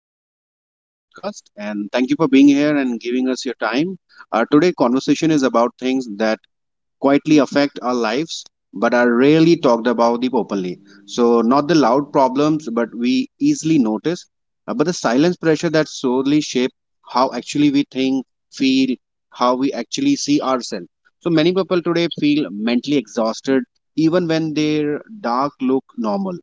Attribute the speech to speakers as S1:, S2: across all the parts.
S1: and welcome to the podcast. And thank you for being here and giving us your time. Today, conversation is about things that quietly affect our lives but are rarely talked about the openly. So, not the loud problems, but we easily notice, but the silence pressure that solely shape how actually we think, feel, how we actually see ourselves. So, many people today feel mentally exhausted even when their dark look normal.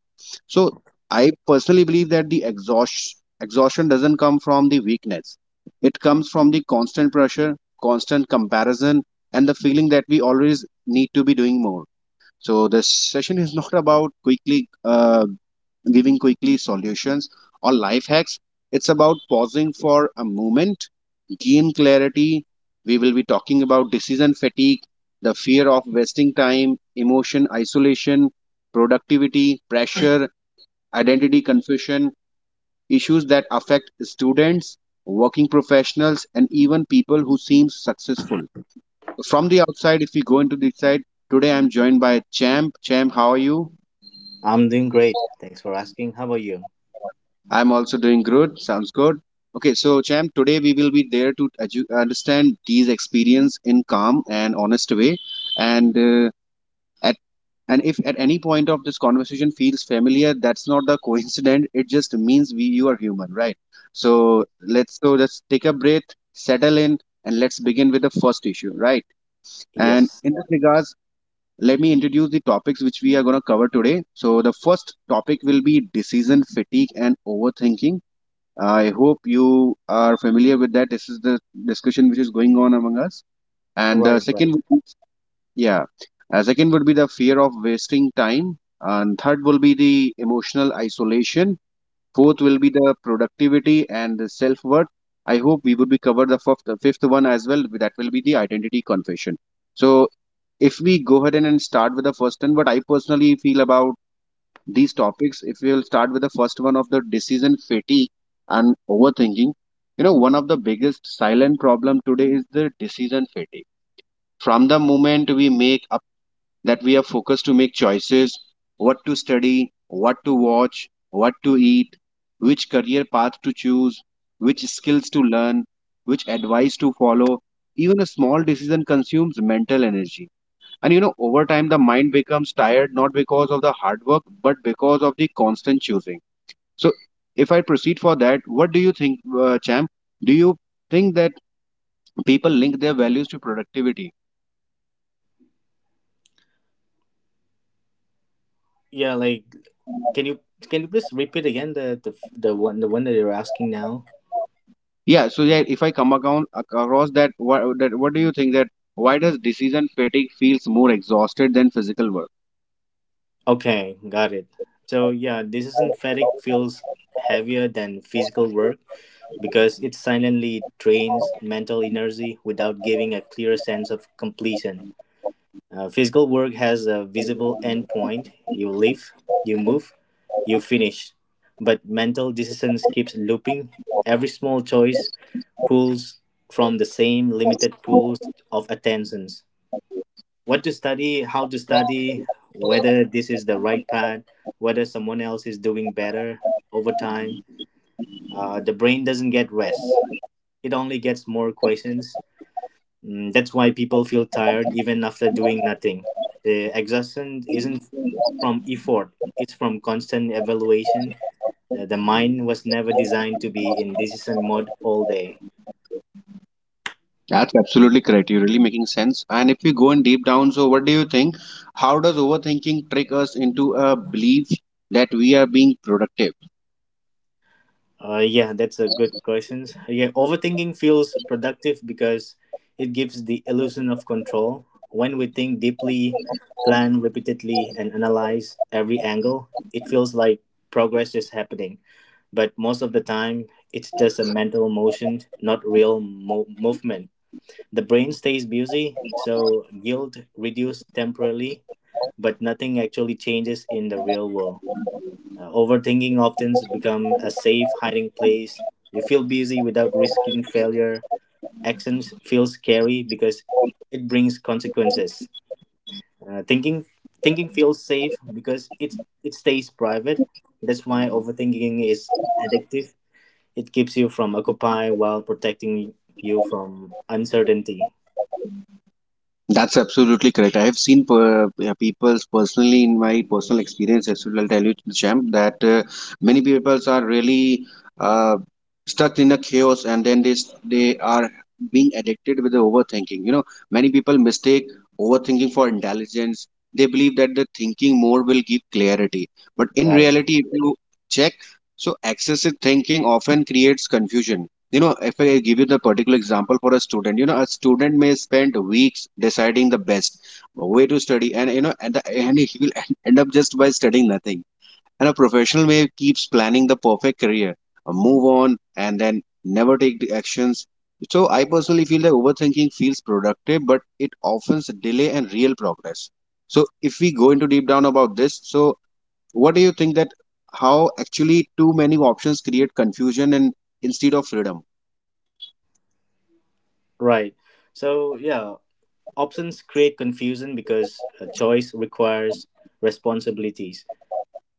S1: So, I personally believe that the exhaustion doesn't come from the weakness. It comes from the constant pressure, constant comparison, and the feeling that we always need to be doing more. So this session is not about quickly giving quickly solutions or life hacks. It's about pausing for a moment, gain clarity. We will be talking about decision fatigue, the fear of wasting time, emotion isolation, productivity, pressure, identity confusion, issues that affect students, working professionals, and even people who seem successful from the outside, if we go into the side, today I'm joined by Champ. Champ, how are you?
S2: I'm doing great. Thanks for asking. How about you?
S1: I'm also doing good. Sounds good. Okay, so Champ, today we will be there to understand T's experience in calm and honest way. And uh, at and if at any point of this conversation feels familiar, that's not the coincidence. It just means we you are human, right? So let's take a breath, settle in, and let's begin with the first issue, right? And
S2: Yes.
S1: in this regards, let me introduce the topics which we are going to cover today. So, the first topic will be decision fatigue and overthinking. I hope you are familiar with that. This is the discussion which is going on among us. And the
S2: Right, right.
S1: second, would be- yeah, second would be the fear of wasting time. And third will be the emotional isolation. Fourth will be the productivity and the self worth. I hope we would be covered the fifth one as well. That will be the identity confession. So if we go ahead and start with the first one, what I personally feel about these topics, if we will start with the first one of the decision fatigue and overthinking, you know, one of the biggest silent problem today is the decision fatigue. From the moment we make up that we are focused to make choices, what to study, what to watch, what to eat, which career path to choose, which skills to learn, which advice to follow, even a small decision consumes mental energy and, you know, over time, the mind becomes tired not because of the hard work, but because of the constant choosing. So, if I proceed for that, what do you think, Champ? Do you think that people link their values to productivity?
S2: Yeah, like can you can you please repeat again the one the one that you're asking now?
S1: Yeah. So, yeah, if I come across that, what do you think that? Why does decision fatigue feels more exhausted than physical work?
S2: Okay, got it. So yeah, this synthetic feels heavier than physical work because it silently drains mental energy without giving a clear sense of completion. Physical work has a visible endpoint. You live, you move, you finish. But mental decisions keeps looping. Every small choice pulls from the same limited pools of attentions. What to study, how to study, whether this is the right path, whether someone else is doing better over time. The brain doesn't get rest. It only gets more questions. Mm, that's why people feel tired even after doing nothing. The exhaustion isn't from effort, it's from constant evaluation. The mind was never designed to be in decision mode all day.
S1: That's absolutely correct. You're really making sense. And if we go in deep down, so what do you think? How does overthinking trick us into a belief that we are being productive?
S2: Yeah, that's a good question. Yeah, overthinking feels productive because it gives the illusion of control. When we think deeply, plan repeatedly, and analyze every angle, it feels like progress is happening. But most of the time it's just a mental motion, not real movement. The brain stays busy, so guilt reduces temporarily, but nothing actually changes in the real world. Overthinking often becomes a safe hiding place. You feel busy without risking failure. Actions feel scary because it brings consequences. Uh, thinking thinking feels safe because it stays private. That's why overthinking is addictive. It keeps you from occupying while protecting you from uncertainty.
S1: That's absolutely correct. I have seen people personally in my personal experience as well. I'll tell you, Champ, that many people are really uh, stuck in a chaos, and then they are being addicted with the overthinking. You know, many people mistake overthinking for intelligence. They believe that the thinking more will give clarity, but in
S2: Right.
S1: reality, if you check, so excessive thinking often creates confusion. You know, if I give you the particular example for a student, you know, a student may spend weeks deciding the best way to study, and you know and he will end up just by studying nothing. And a professional may keeps planning the perfect career move on and then never take the actions. So I personally feel that overthinking feels productive but it often delay and real progress. So if we go into deep down about this, so what do you think that how actually too many options create confusion and instead of freedom.
S2: Right. So, yeah, options create confusion because a choice requires responsibilities.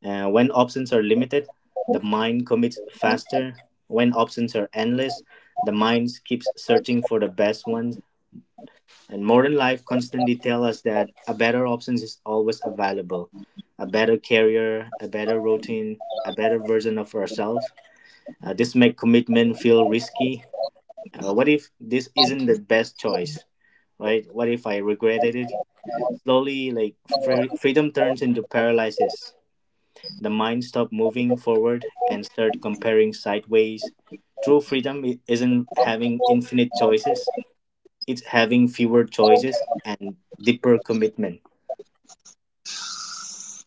S2: When options are limited, the mind commits faster. When options are endless, the mind keeps searching for the best ones. And modern life constantly tells us that a better option is always available: a better career, a better routine, a better version of ourselves. This make commitment feel risky. What if this isn't the best choice, right? What if I regretted it? Slowly, like freedom turns into paralysis. The mind stops moving forward and start comparing sideways. True freedom isn't having infinite choices; it's having fewer choices and deeper commitment.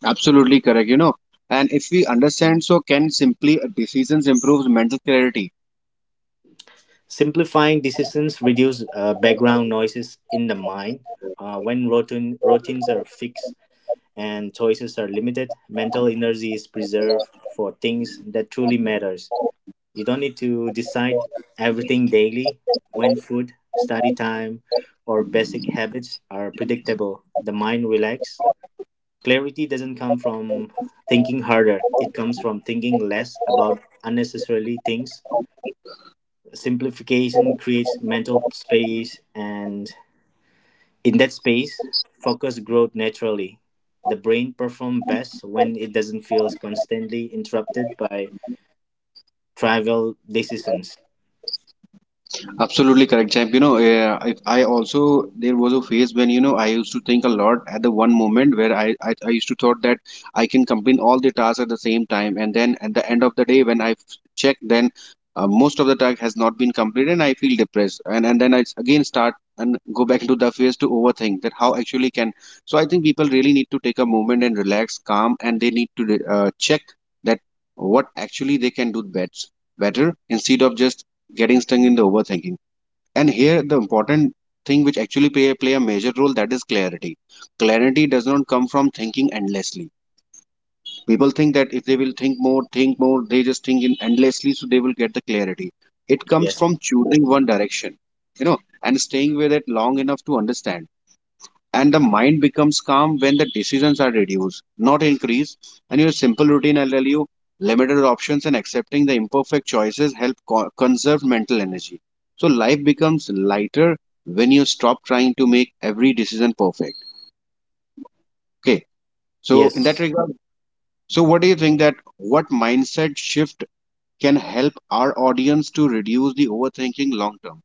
S1: Absolutely correct, you know. And if we understand, so can simply decisions improves mental clarity.
S2: Simplifying decisions reduce background noises in the mind. When routines are fixed and choices are limited, mental energy is preserved for things that truly matters. You don't need to decide everything daily. When food, study time, or basic habits are predictable, the mind relax. Clarity doesn't come from thinking harder. It comes from thinking less about unnecessarily things. Simplification creates mental space, and in that space, focus grows naturally. The brain performs best when it doesn't feel constantly interrupted by trivial decisions.
S1: Absolutely correct, champ. You know, if I also there was a phase when, you know, I used to think a lot at the one moment where I used to thought that I can complete all the tasks at the same time, and then at the end of the day when I check, then most of the task has not been completed, and I feel depressed, and then again start and go back into the phase to overthink that how actually can. So I think people really need to take a moment and relax, calm, and they need to check that what actually they can do best better instead of just getting stung in the overthinking. And here the important thing which actually play a major role that is clarity. Clarity does not come from thinking endlessly. People think that if they will think more they just think in endlessly, so they will get the clarity. It comes
S2: Yes.
S1: from choosing one direction, you know, and staying with it long enough to understand. And the mind becomes calm when the decisions are reduced, not increased. And your simple routine, I'll tell you, limited options and accepting the imperfect choices help conserve mental energy. So life becomes lighter when you stop trying to make every decision perfect. Okay, so in that
S2: Yes.
S1: regard, so what do you think that what mindset shift can help our audience to reduce the overthinking long term.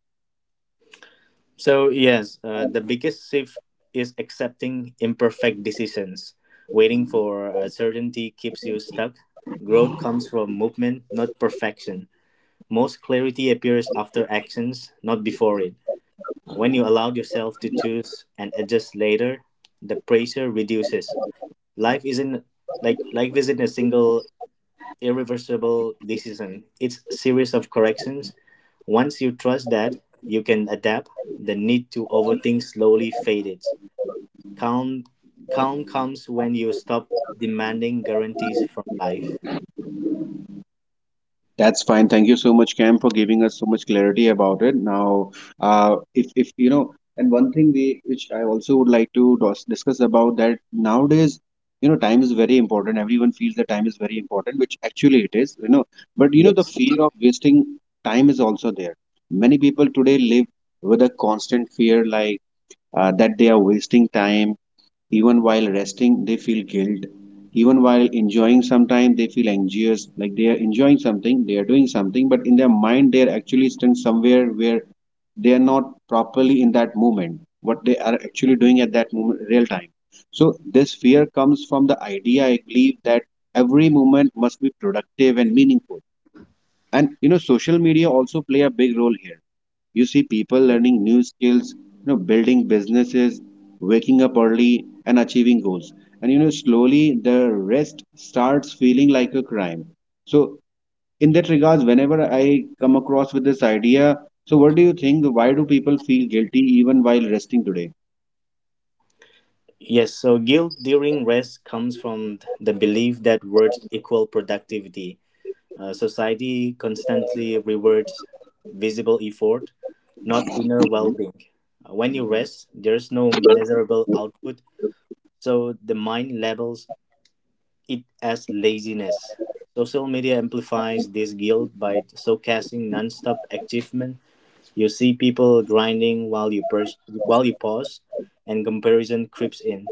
S2: So, yes, the biggest shift is accepting imperfect decisions. Waiting for certainty keeps you stuck. Growth comes from movement, not perfection. Most clarity appears after actions, not before it. When you allow yourself to choose and adjust later, the pressure reduces. Life isn't life isn't a single irreversible decision. It's a series of corrections. Once you trust that you can adapt, the need to overthink slowly fades. Calm calm comes when you stop demanding guarantees from life.
S1: That's fine. Thank you so much, Cam, for giving us so much clarity about it. Now, if you know, and one thing we which I also would like to discuss about that nowadays, you know, time is very important. Everyone feels that time is very important, which actually it is. You know, but you know, the
S2: Yes.
S1: fear of wasting time is also there. Many people today live with a constant fear like that they are wasting time even while resting, they feel guilt. Even while enjoying sometimes they feel anxious, like they are enjoying something, they are doing something, but in their mind they are actually stuck somewhere where they are not properly in that moment, what they are actually doing at that moment, real time. So this fear comes from the idea, I believe, that every moment must be productive and meaningful. And you know, social media also play a big role here. You see people learning new skills, you know, building businesses, waking up early and achieving goals. And you know slowly the rest starts feeling like a crime. So in that regards whenever I come across with this idea, so what do you think why do people feel guilty even while resting today.
S2: Yes, so guilt during rest comes from the belief that words equal productivity. Society constantly rewards visible effort, not inner well being. When you rest, there's no measurable output, so the mind labels it as laziness. Social media amplifies this guilt by showcasing nonstop achievement. You see people grinding while while you pause, and comparison creeps in.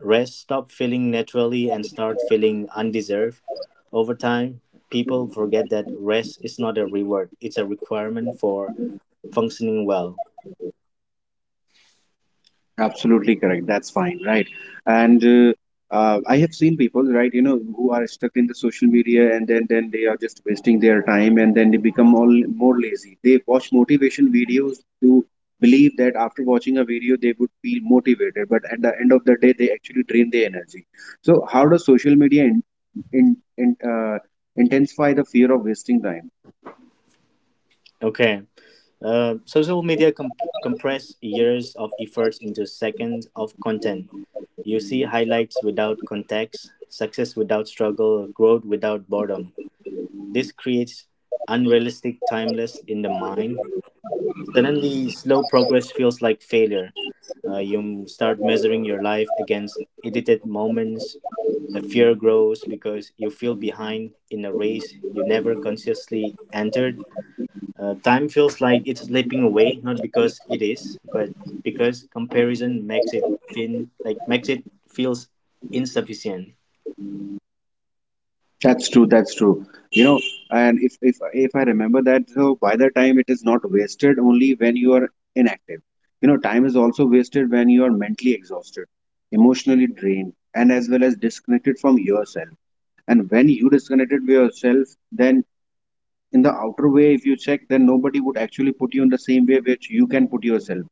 S2: Rest stop feeling naturally and start feeling undeserved. Over time, people forget that rest is not a reward, it's a requirement for functioning well.
S1: Absolutely correct. That's fine, right? And I have seen people, right, you know, who are stuck in the social media and then they are just wasting their time and then they become all more lazy. They watch motivation videos to believe that after watching a video they would feel motivated, but at the end of the day they actually drain their energy. So how does social media in, in, uh, intensify the fear of wasting time?
S2: Okay. Social media compress years of efforts into seconds of content. You see highlights without context, success without struggle, growth without boredom. This creates unrealistic timeless in the mind. Suddenly, slow progress feels like failure. You start measuring your life against edited moments. The fear grows because you feel behind in a race you never consciously entered. Time feels like it's slipping away, not because it is, but because comparison makes it feels insufficient.
S1: That's true. That's true. You know, and if I remember that, so by the time it is not wasted only when you are inactive. You know, time is also wasted when you are mentally exhausted, emotionally drained, and as well as disconnected from yourself. And when you disconnected with yourself, then in the outer way, if you check, then nobody would actually put you in the same way which you can put yourself.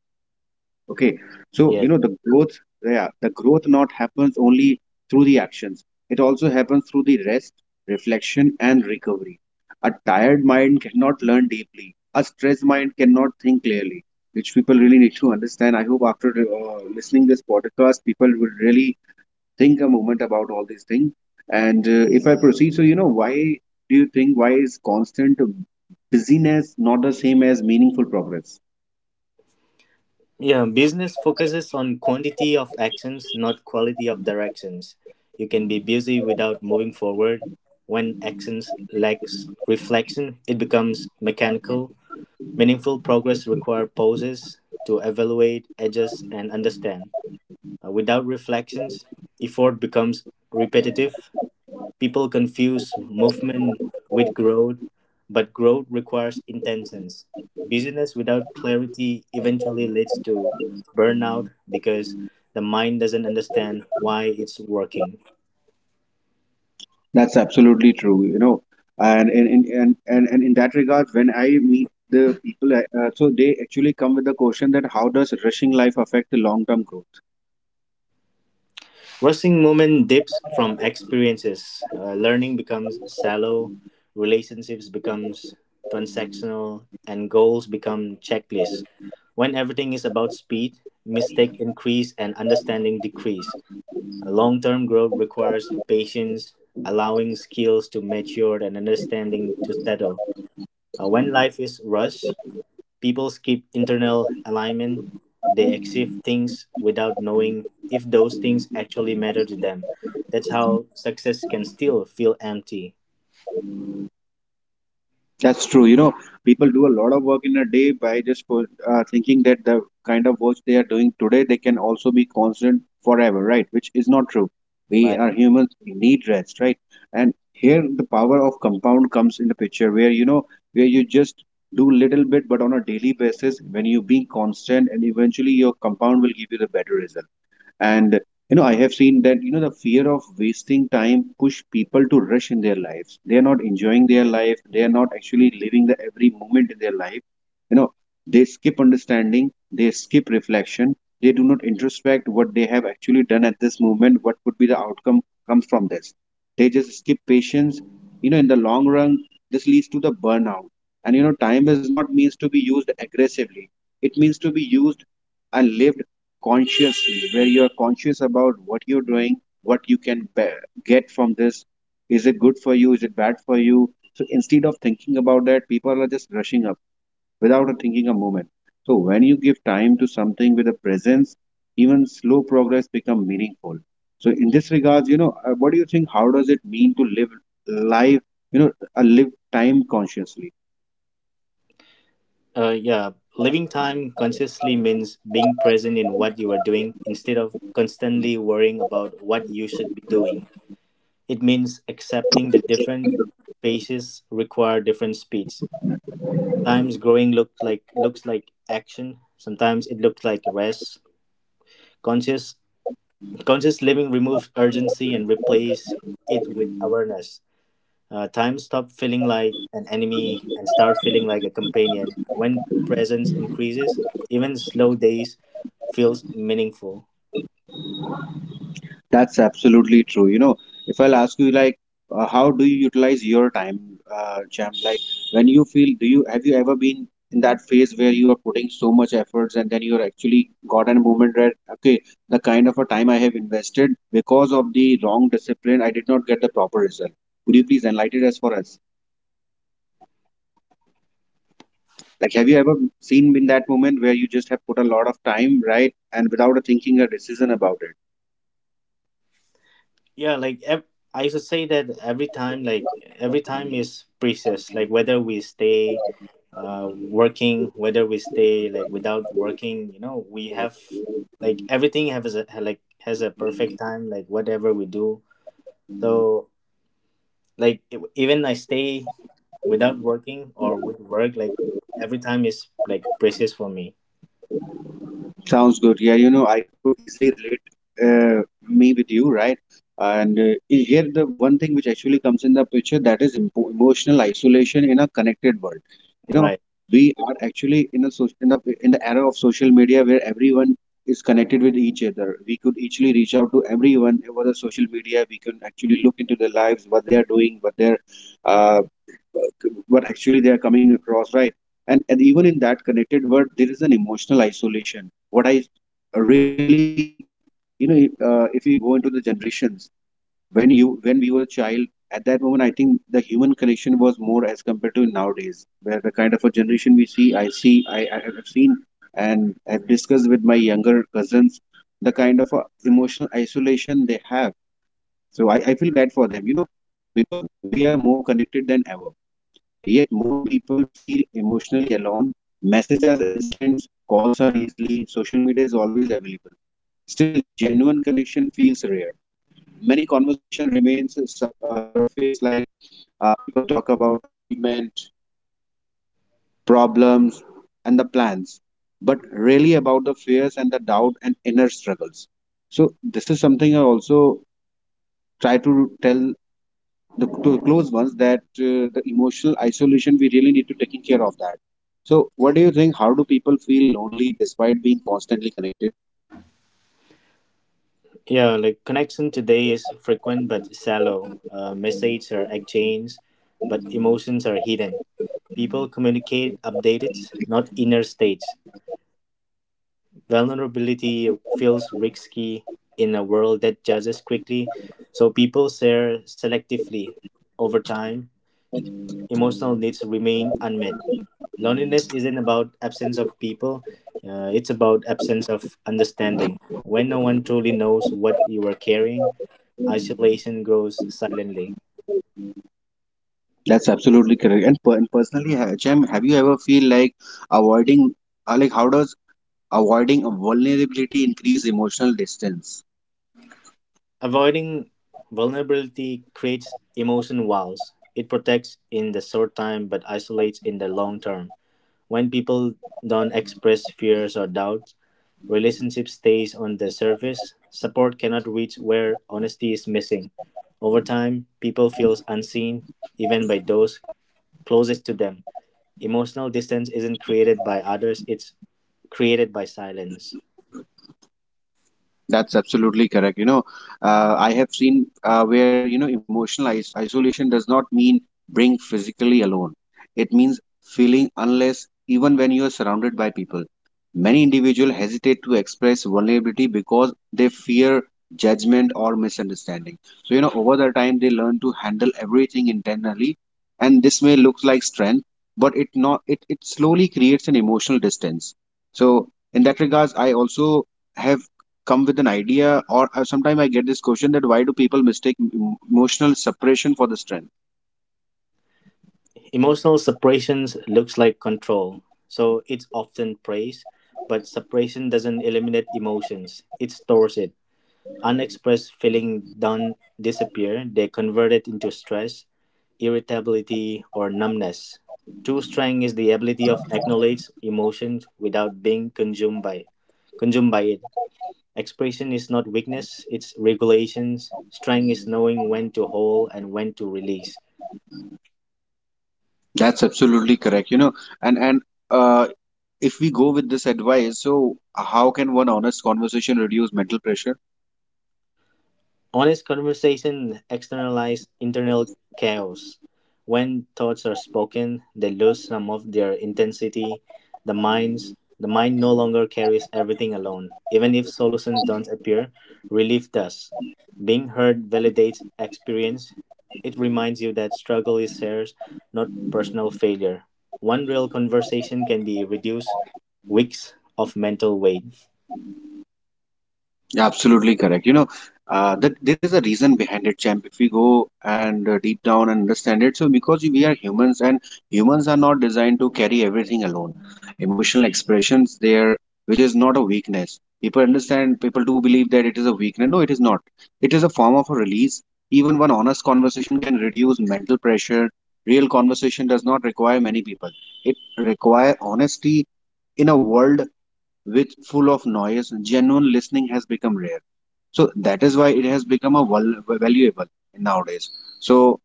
S1: Okay, so you
S2: Yes.
S1: know the growth, yeah, the growth not happens only through the actions. It also happens through the rest, reflection and recovery. A tired mind cannot learn deeply. A stressed mind cannot think clearly, which people really need to understand. I hope after listening this podcast people will really think a moment about all these things. And if I proceed, so you know, why do you think why is constant busyness not the same as meaningful progress.
S2: Yeah, business focuses on quantity of actions, not quality of directions. You can be busy without moving forward. When actions lacks reflection, it becomes mechanical. Meaningful progress requires pauses to evaluate, adjust, and understand. Without reflections, effort becomes repetitive. People confuse movement with growth, but growth requires intentions. Busyness without clarity eventually leads to burnout because the mind doesn't understand why it's working.
S1: That's absolutely true, you know. And in and in that regard, when I meet the people, so they actually come with the question that how does rushing life affect the long-term growth?
S2: Rushing movement dips from experiences. Learning becomes shallow, relationships becomes transactional, and goals become checklists. When everything is about speed, mistake increase and understanding decrease. A long-term growth requires patience, allowing skills to mature and understanding to settle. When life is rushed, people skip internal alignment. They accept things without knowing if those things actually matter to them. That's how success can still feel empty.
S1: That's true. You know, people do a lot of work in a day by just for, thinking that the kind of work they are doing today, they can also be constant forever, right? Which is not true. We
S2: Like,
S1: are humans, we need rest, right? And here the power of compound comes in the picture where, where you just do little bit, but on a daily basis, when you being constant and eventually your compound will give you the better result. And I have seen that the fear of wasting time push people to rush in their lives. They are not enjoying their life. They are not actually living the every moment in their life. You know, they skip understanding. They skip reflection. They do not introspect what they have actually done at this moment. What could be the outcome comes from this? They just skip patience. In the long run, this leads to the burnout. And time is not means to be used aggressively. It means to be used and lived consciously, where you are conscious about what you're doing, what you get from this. Is it good for you? Is it bad for you? So instead of thinking about that, people are just rushing up without thinking a moment. So when you give time to something with a presence, even slow progress become meaningful. So in this regards, what do you think? How does it mean to live life? You know, live time consciously.
S2: uh, yeah, living time consciously means being present in what you are doing instead of constantly worrying about what you should be doing. It means accepting that different phases require different speeds. Sometimes growing looks like action. Sometimes it looks like rest. Conscious conscious living removes urgency and replace it with awareness. Time stop feeling like an enemy and start feeling like a companion. When presence increases, even slow days feels meaningful.
S1: That's absolutely true. You know, if I'll ask you, like, how do you utilize your time, Jam? Like, when you feel, do you have you ever been in that phase where you are putting so much efforts and then you're actually got a moment where, okay, the kind of a time I have invested because of the wrong discipline, I did not get the proper result. Could you please enlighten us for us? Like, have you ever seen in that moment where you just have put a lot of time, right, and without a thinking a decision about it?
S2: Yeah, like ev- I used to say that every time, like every time is precious. Like whether we stay working, whether we stay like without working, you know, we have like everything has a like has a perfect time. Like whatever we do, so like even I stay without working or with work, like every time is like precious for me.
S1: Sounds good. Yeah, you know, I could easily relate me with you, right? And in here, the one thing which actually comes in the picture that is emotional isolation in a connected world. You know,
S2: Right.
S1: we are actually in a so in the era of social media where everyone is connected with each other. We could easily reach out to everyone over the social media. We can actually look into their lives, what they are doing, what actually they are coming across, right? And even in that connected word there is an emotional isolation what I really, you know if we go into the generations, when we were a child, at that moment I think the human connection was more as compared to nowadays, where the kind of a generation we see, I have seen and I've discussed with my younger cousins the kind of emotional isolation they have. So I feel bad for them, you know, because we are more connected than ever. Yet more people feel emotionally alone. Messages are instant, calls are easily, social media is always available. Still, genuine connection feels rare. Many conversation remains surface, like people talk about achievement, problems, and the plans, but really about the fears and the doubt and inner struggles. So this is something I also try to tell to the close ones that the emotional isolation we really need to taking care of that. So what do you think, how do people feel lonely despite being constantly connected?
S2: Yeah, like connection today is frequent but shallow. Messages are exchanged, but emotions are hidden. People communicate updated, not inner states. Vulnerability feels risky in a world that judges quickly, so people share selectively. Over time, emotional needs remain unmet. Loneliness isn't about absence of people, it's about absence of understanding. When no one truly knows what you are carrying, isolation grows silently.
S1: That's absolutely correct. And, and personally, Chaim, have you ever feel like avoiding like, how does avoiding a vulnerability increase emotional distance?
S2: Avoiding vulnerability creates emotion walls. It protects in the short time but isolates in the long term. When people don't express fears or doubts, relationship stays on the surface. Support cannot reach where honesty is missing. Over time, people feel unseen even by those closest to them. Emotional distance isn't created by others, it's created by silence.
S1: That's absolutely correct. You know, I have seen where, you know, emotional is isolation does not mean being physically alone. It means feeling unless even when you are surrounded by people. Many individuals hesitate to express vulnerability because they fear judgment or misunderstanding. So, you know, over the time they learn to handle everything internally, and this may look like strength, but it not it, it slowly creates an emotional distance. So, in that regards, I also have come with an idea, or sometimes I get this question, that why do people mistake emotional separation for the strength?
S2: Emotional separation looks like control, so it's often praised, but separation doesn't eliminate emotions, it stores it. Unexpressed feeling don't disappear, they convert it into stress, irritability, or numbness. True strength is the ability of acknowledge emotions without being consumed by it. Expression is not weakness, it's regulations. Strength is knowing when to hold and when to release.
S1: That's absolutely correct, you know. And and uh, if we go with this advice, so how can one honest conversation reduce mental pressure?
S2: Honest conversation externalizes internal chaos. When thoughts are spoken, they lose some of their intensity. The minds the mind no longer carries everything alone. Even if solutions don't appear, relief does. Being heard validates experience. It reminds you that struggle is shared, not personal failure. One real conversation can be reduce weeks of mental weight.
S1: Yeah, absolutely correct. You know, that there is a reason behind it, champ. If we go and deep down and understand it, so because we are humans, and humans are not designed to carry everything alone. Emotional expressions there, which is not a weakness. People understand, people do believe that it is a weakness. No, it is not. It is a form of a release. Even one honest conversation can reduce mental pressure. Real conversation does not require many people. It require honesty in a world which full of noise. Genuine listening has become rare, so that is why it has become a valuable nowadays. So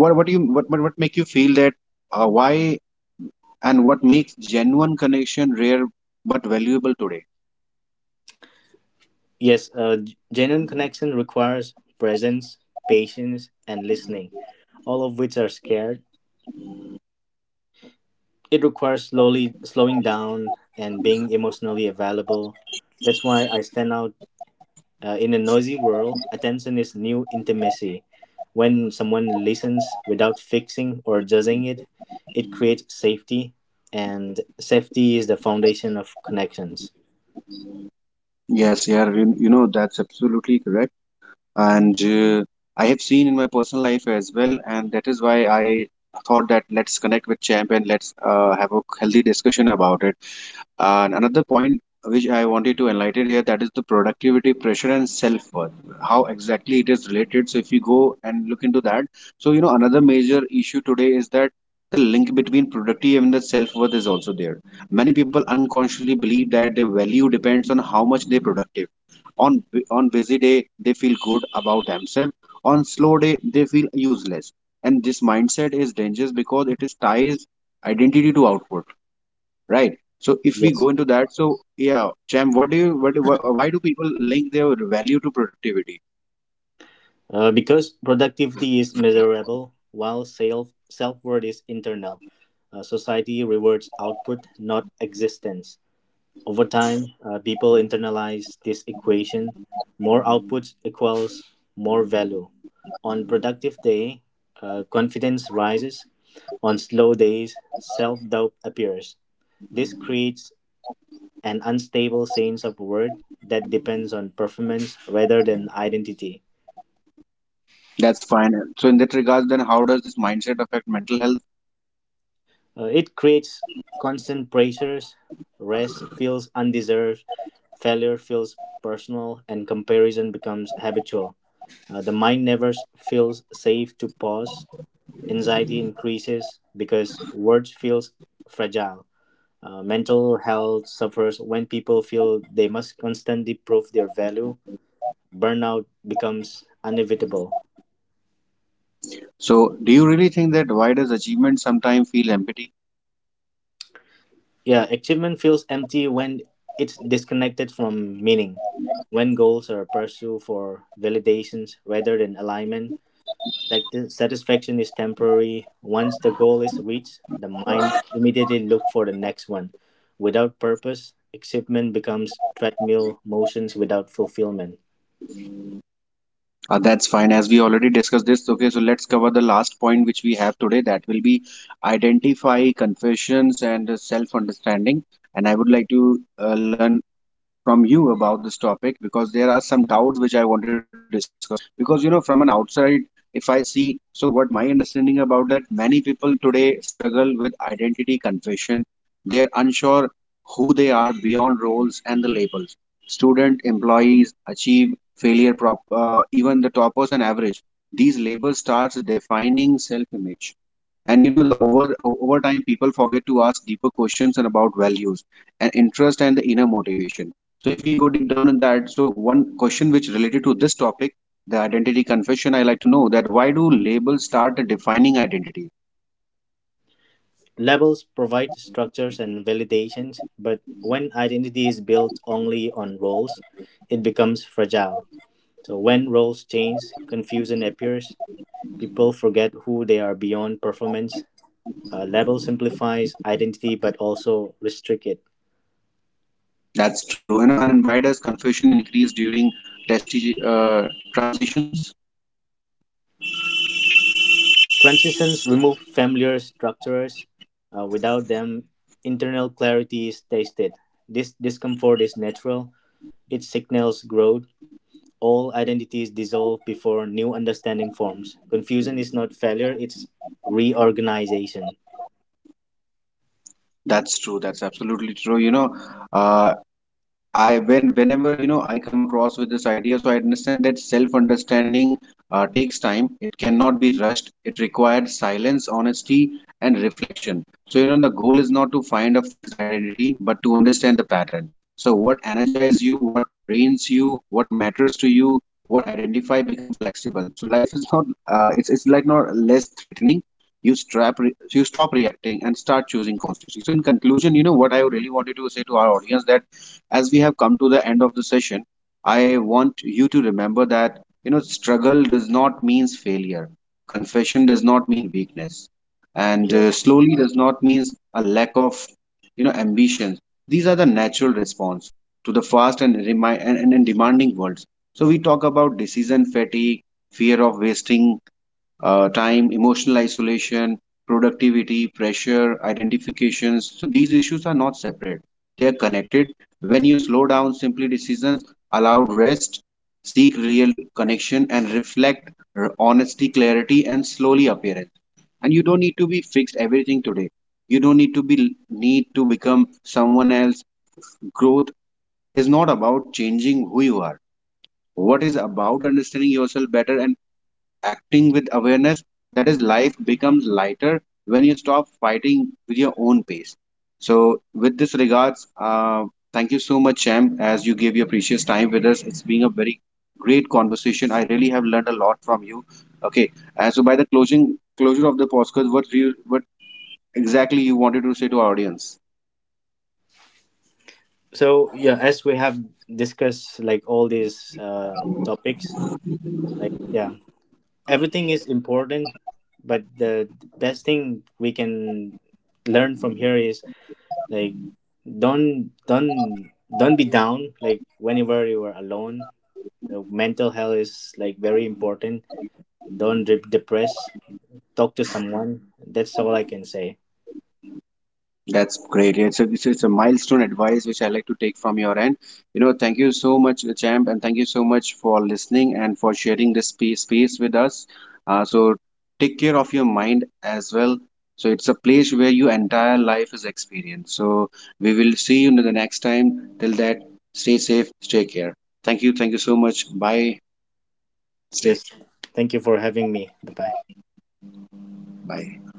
S1: what do you what make you feel that, why and what makes genuine connection rare but valuable today?
S2: Yes, a genuine connection requires presence, patience, and listening, all of which are scared. It requires slowly slowing down and being emotionally available. That's why I stand out in a noisy world. Attention is new intimacy. When someone listens without fixing or judging it, it creates safety, and safety is the foundation of connections.
S1: Yes, yeah, you know, that's absolutely correct, and I have seen in my personal life as well, and that is why I thought that let's connect with champ and let's have a healthy discussion about it. And another point which I wanted to enlighten here, that is the productivity pressure and self worth, how exactly it is related. So, if you go and look into that, so you know, another major issue today is that the link between productivity and the self worth is also there. Many people unconsciously believe that their value depends on how much they're productive. On, on busy day, they feel good about themselves. On slow day, they feel useless. And this mindset is dangerous because it is ties identity to output, right? So if we
S2: Yes.
S1: go into that, so yeah, Cham, what do you what, why do people link their value to productivity?
S2: Because productivity is measurable, while self worth is internal. Society rewards output, not existence. Over time, people internalize this equation: more output equals more value. On productive day, confidence rises. On slow days, self doubt appears. This creates an unstable sense of worth that depends on performance rather than identity.
S1: That's fine. So in that regard, then how does this mindset affect mental health?
S2: It creates constant pressures. Rest feels undeserved. Failure feels personal, and comparison becomes habitual. The mind never feels safe to pause. Anxiety increases because words feels fragile. Mental health suffers when people feel they must constantly prove their value. Burnout becomes inevitable.
S1: So do you really think that, why does achievement sometimes feel empty?
S2: Yeah, achievement feels empty when it's disconnected from meaning. When goals are pursued for validations rather than alignment, satisfaction is temporary. Once the goal is reached, the mind immediately looks for the next one. Without purpose, achievement becomes treadmill motions without fulfillment.
S1: That's fine, as we already discussed this. Okay, so let's cover the last point which we have today, that will be identify confessions and self understanding. And I would like to learn from you about this topic, because there are some doubts which I wanted to discuss. Because you know, from an outside, if I see, so what my understanding about that, many people today struggle with identity confession. They are unsure who they are beyond roles and the labels. Student, employees, achieve, failure, prop, even the toppers and average. These labels starts defining self-image. And you know, over time, people forget to ask deeper questions and about values and interest and the inner motivation. So if we go deep down in that, so one question which related to this topic, the identity confession, I like to know that why do labels start defining identity?
S2: Labels provide structures and validations, but when identity is built only on roles, it becomes fragile. So when roles change, confusion appears. People forget who they are beyond performance. Level simplifies identity but also restrict it.
S1: That's true. And why does confusion increase during testi transitions?
S2: Transitions remove familiar structures. Without them, internal clarity is tasted. This discomfort is natural. It signals growth. All identities dissolve before new understanding forms. Confusion is not failure, it's reorganization.
S1: That's true. That's absolutely true. You know, uh, I, when whenever you know I come across with this idea, so I understand that self-understanding takes time. It cannot be rushed. It required silence, honesty, and reflection. So you know, the goal is not to find a fixed identity, but to understand the pattern. So what energizes you, what drains you, what matters to you, what identify become flexible. So life is not it's like not less threatening. You stop reacting and start choosing constantly. So in conclusion, you know, what I really wanted to say to our audience, that as we have come to the end of the session, I want you to remember that you know struggle does not means failure. Confession does not mean weakness, and
S2: Yes.
S1: slowly does not means a lack of, you know, ambition. These are the natural response to the fast and and demanding worlds. So we talk about decision fatigue, fear of wasting time, emotional isolation, productivity, pressure, identifications. So these issues are not separate, they are connected. When you slow down, simply decisions allow rest, seek real connection, and reflect honesty, clarity, and slowly appearance. And you don't need to be fixed everything today. You don't need to become someone else. Growth is not about changing who you are. What is about understanding yourself better and acting with awareness, that is life becomes lighter when you stop fighting with your own pace. So with this regards, thank you so much, champ, as you gave your precious time with us. It's been a very great conversation, I really have learned a lot from you. Okay, and so by the closing closure of the podcast, what you what exactly you wanted to say to our audience?
S2: So yeah, as we have discussed like all these topics, like yeah, everything is important, but the best thing we can learn from here is like don't be down. Like whenever you are alone, the mental health is like very important. Don't get depressed. Talk to someone. That's all I can say.
S1: That's great. Yeah, it's a milestone advice which I like to take from your end. You know, thank you so much, Champ, and thank you so much for listening and for sharing this space with us. So take care of your mind as well. So it's a place where your entire life is experienced. So we will see you in the next time. Till that, stay safe, stay care. Thank you. Thank you so much. Bye. Stay.
S2: Yes, thank you for having me. Bye bye.
S1: Bye.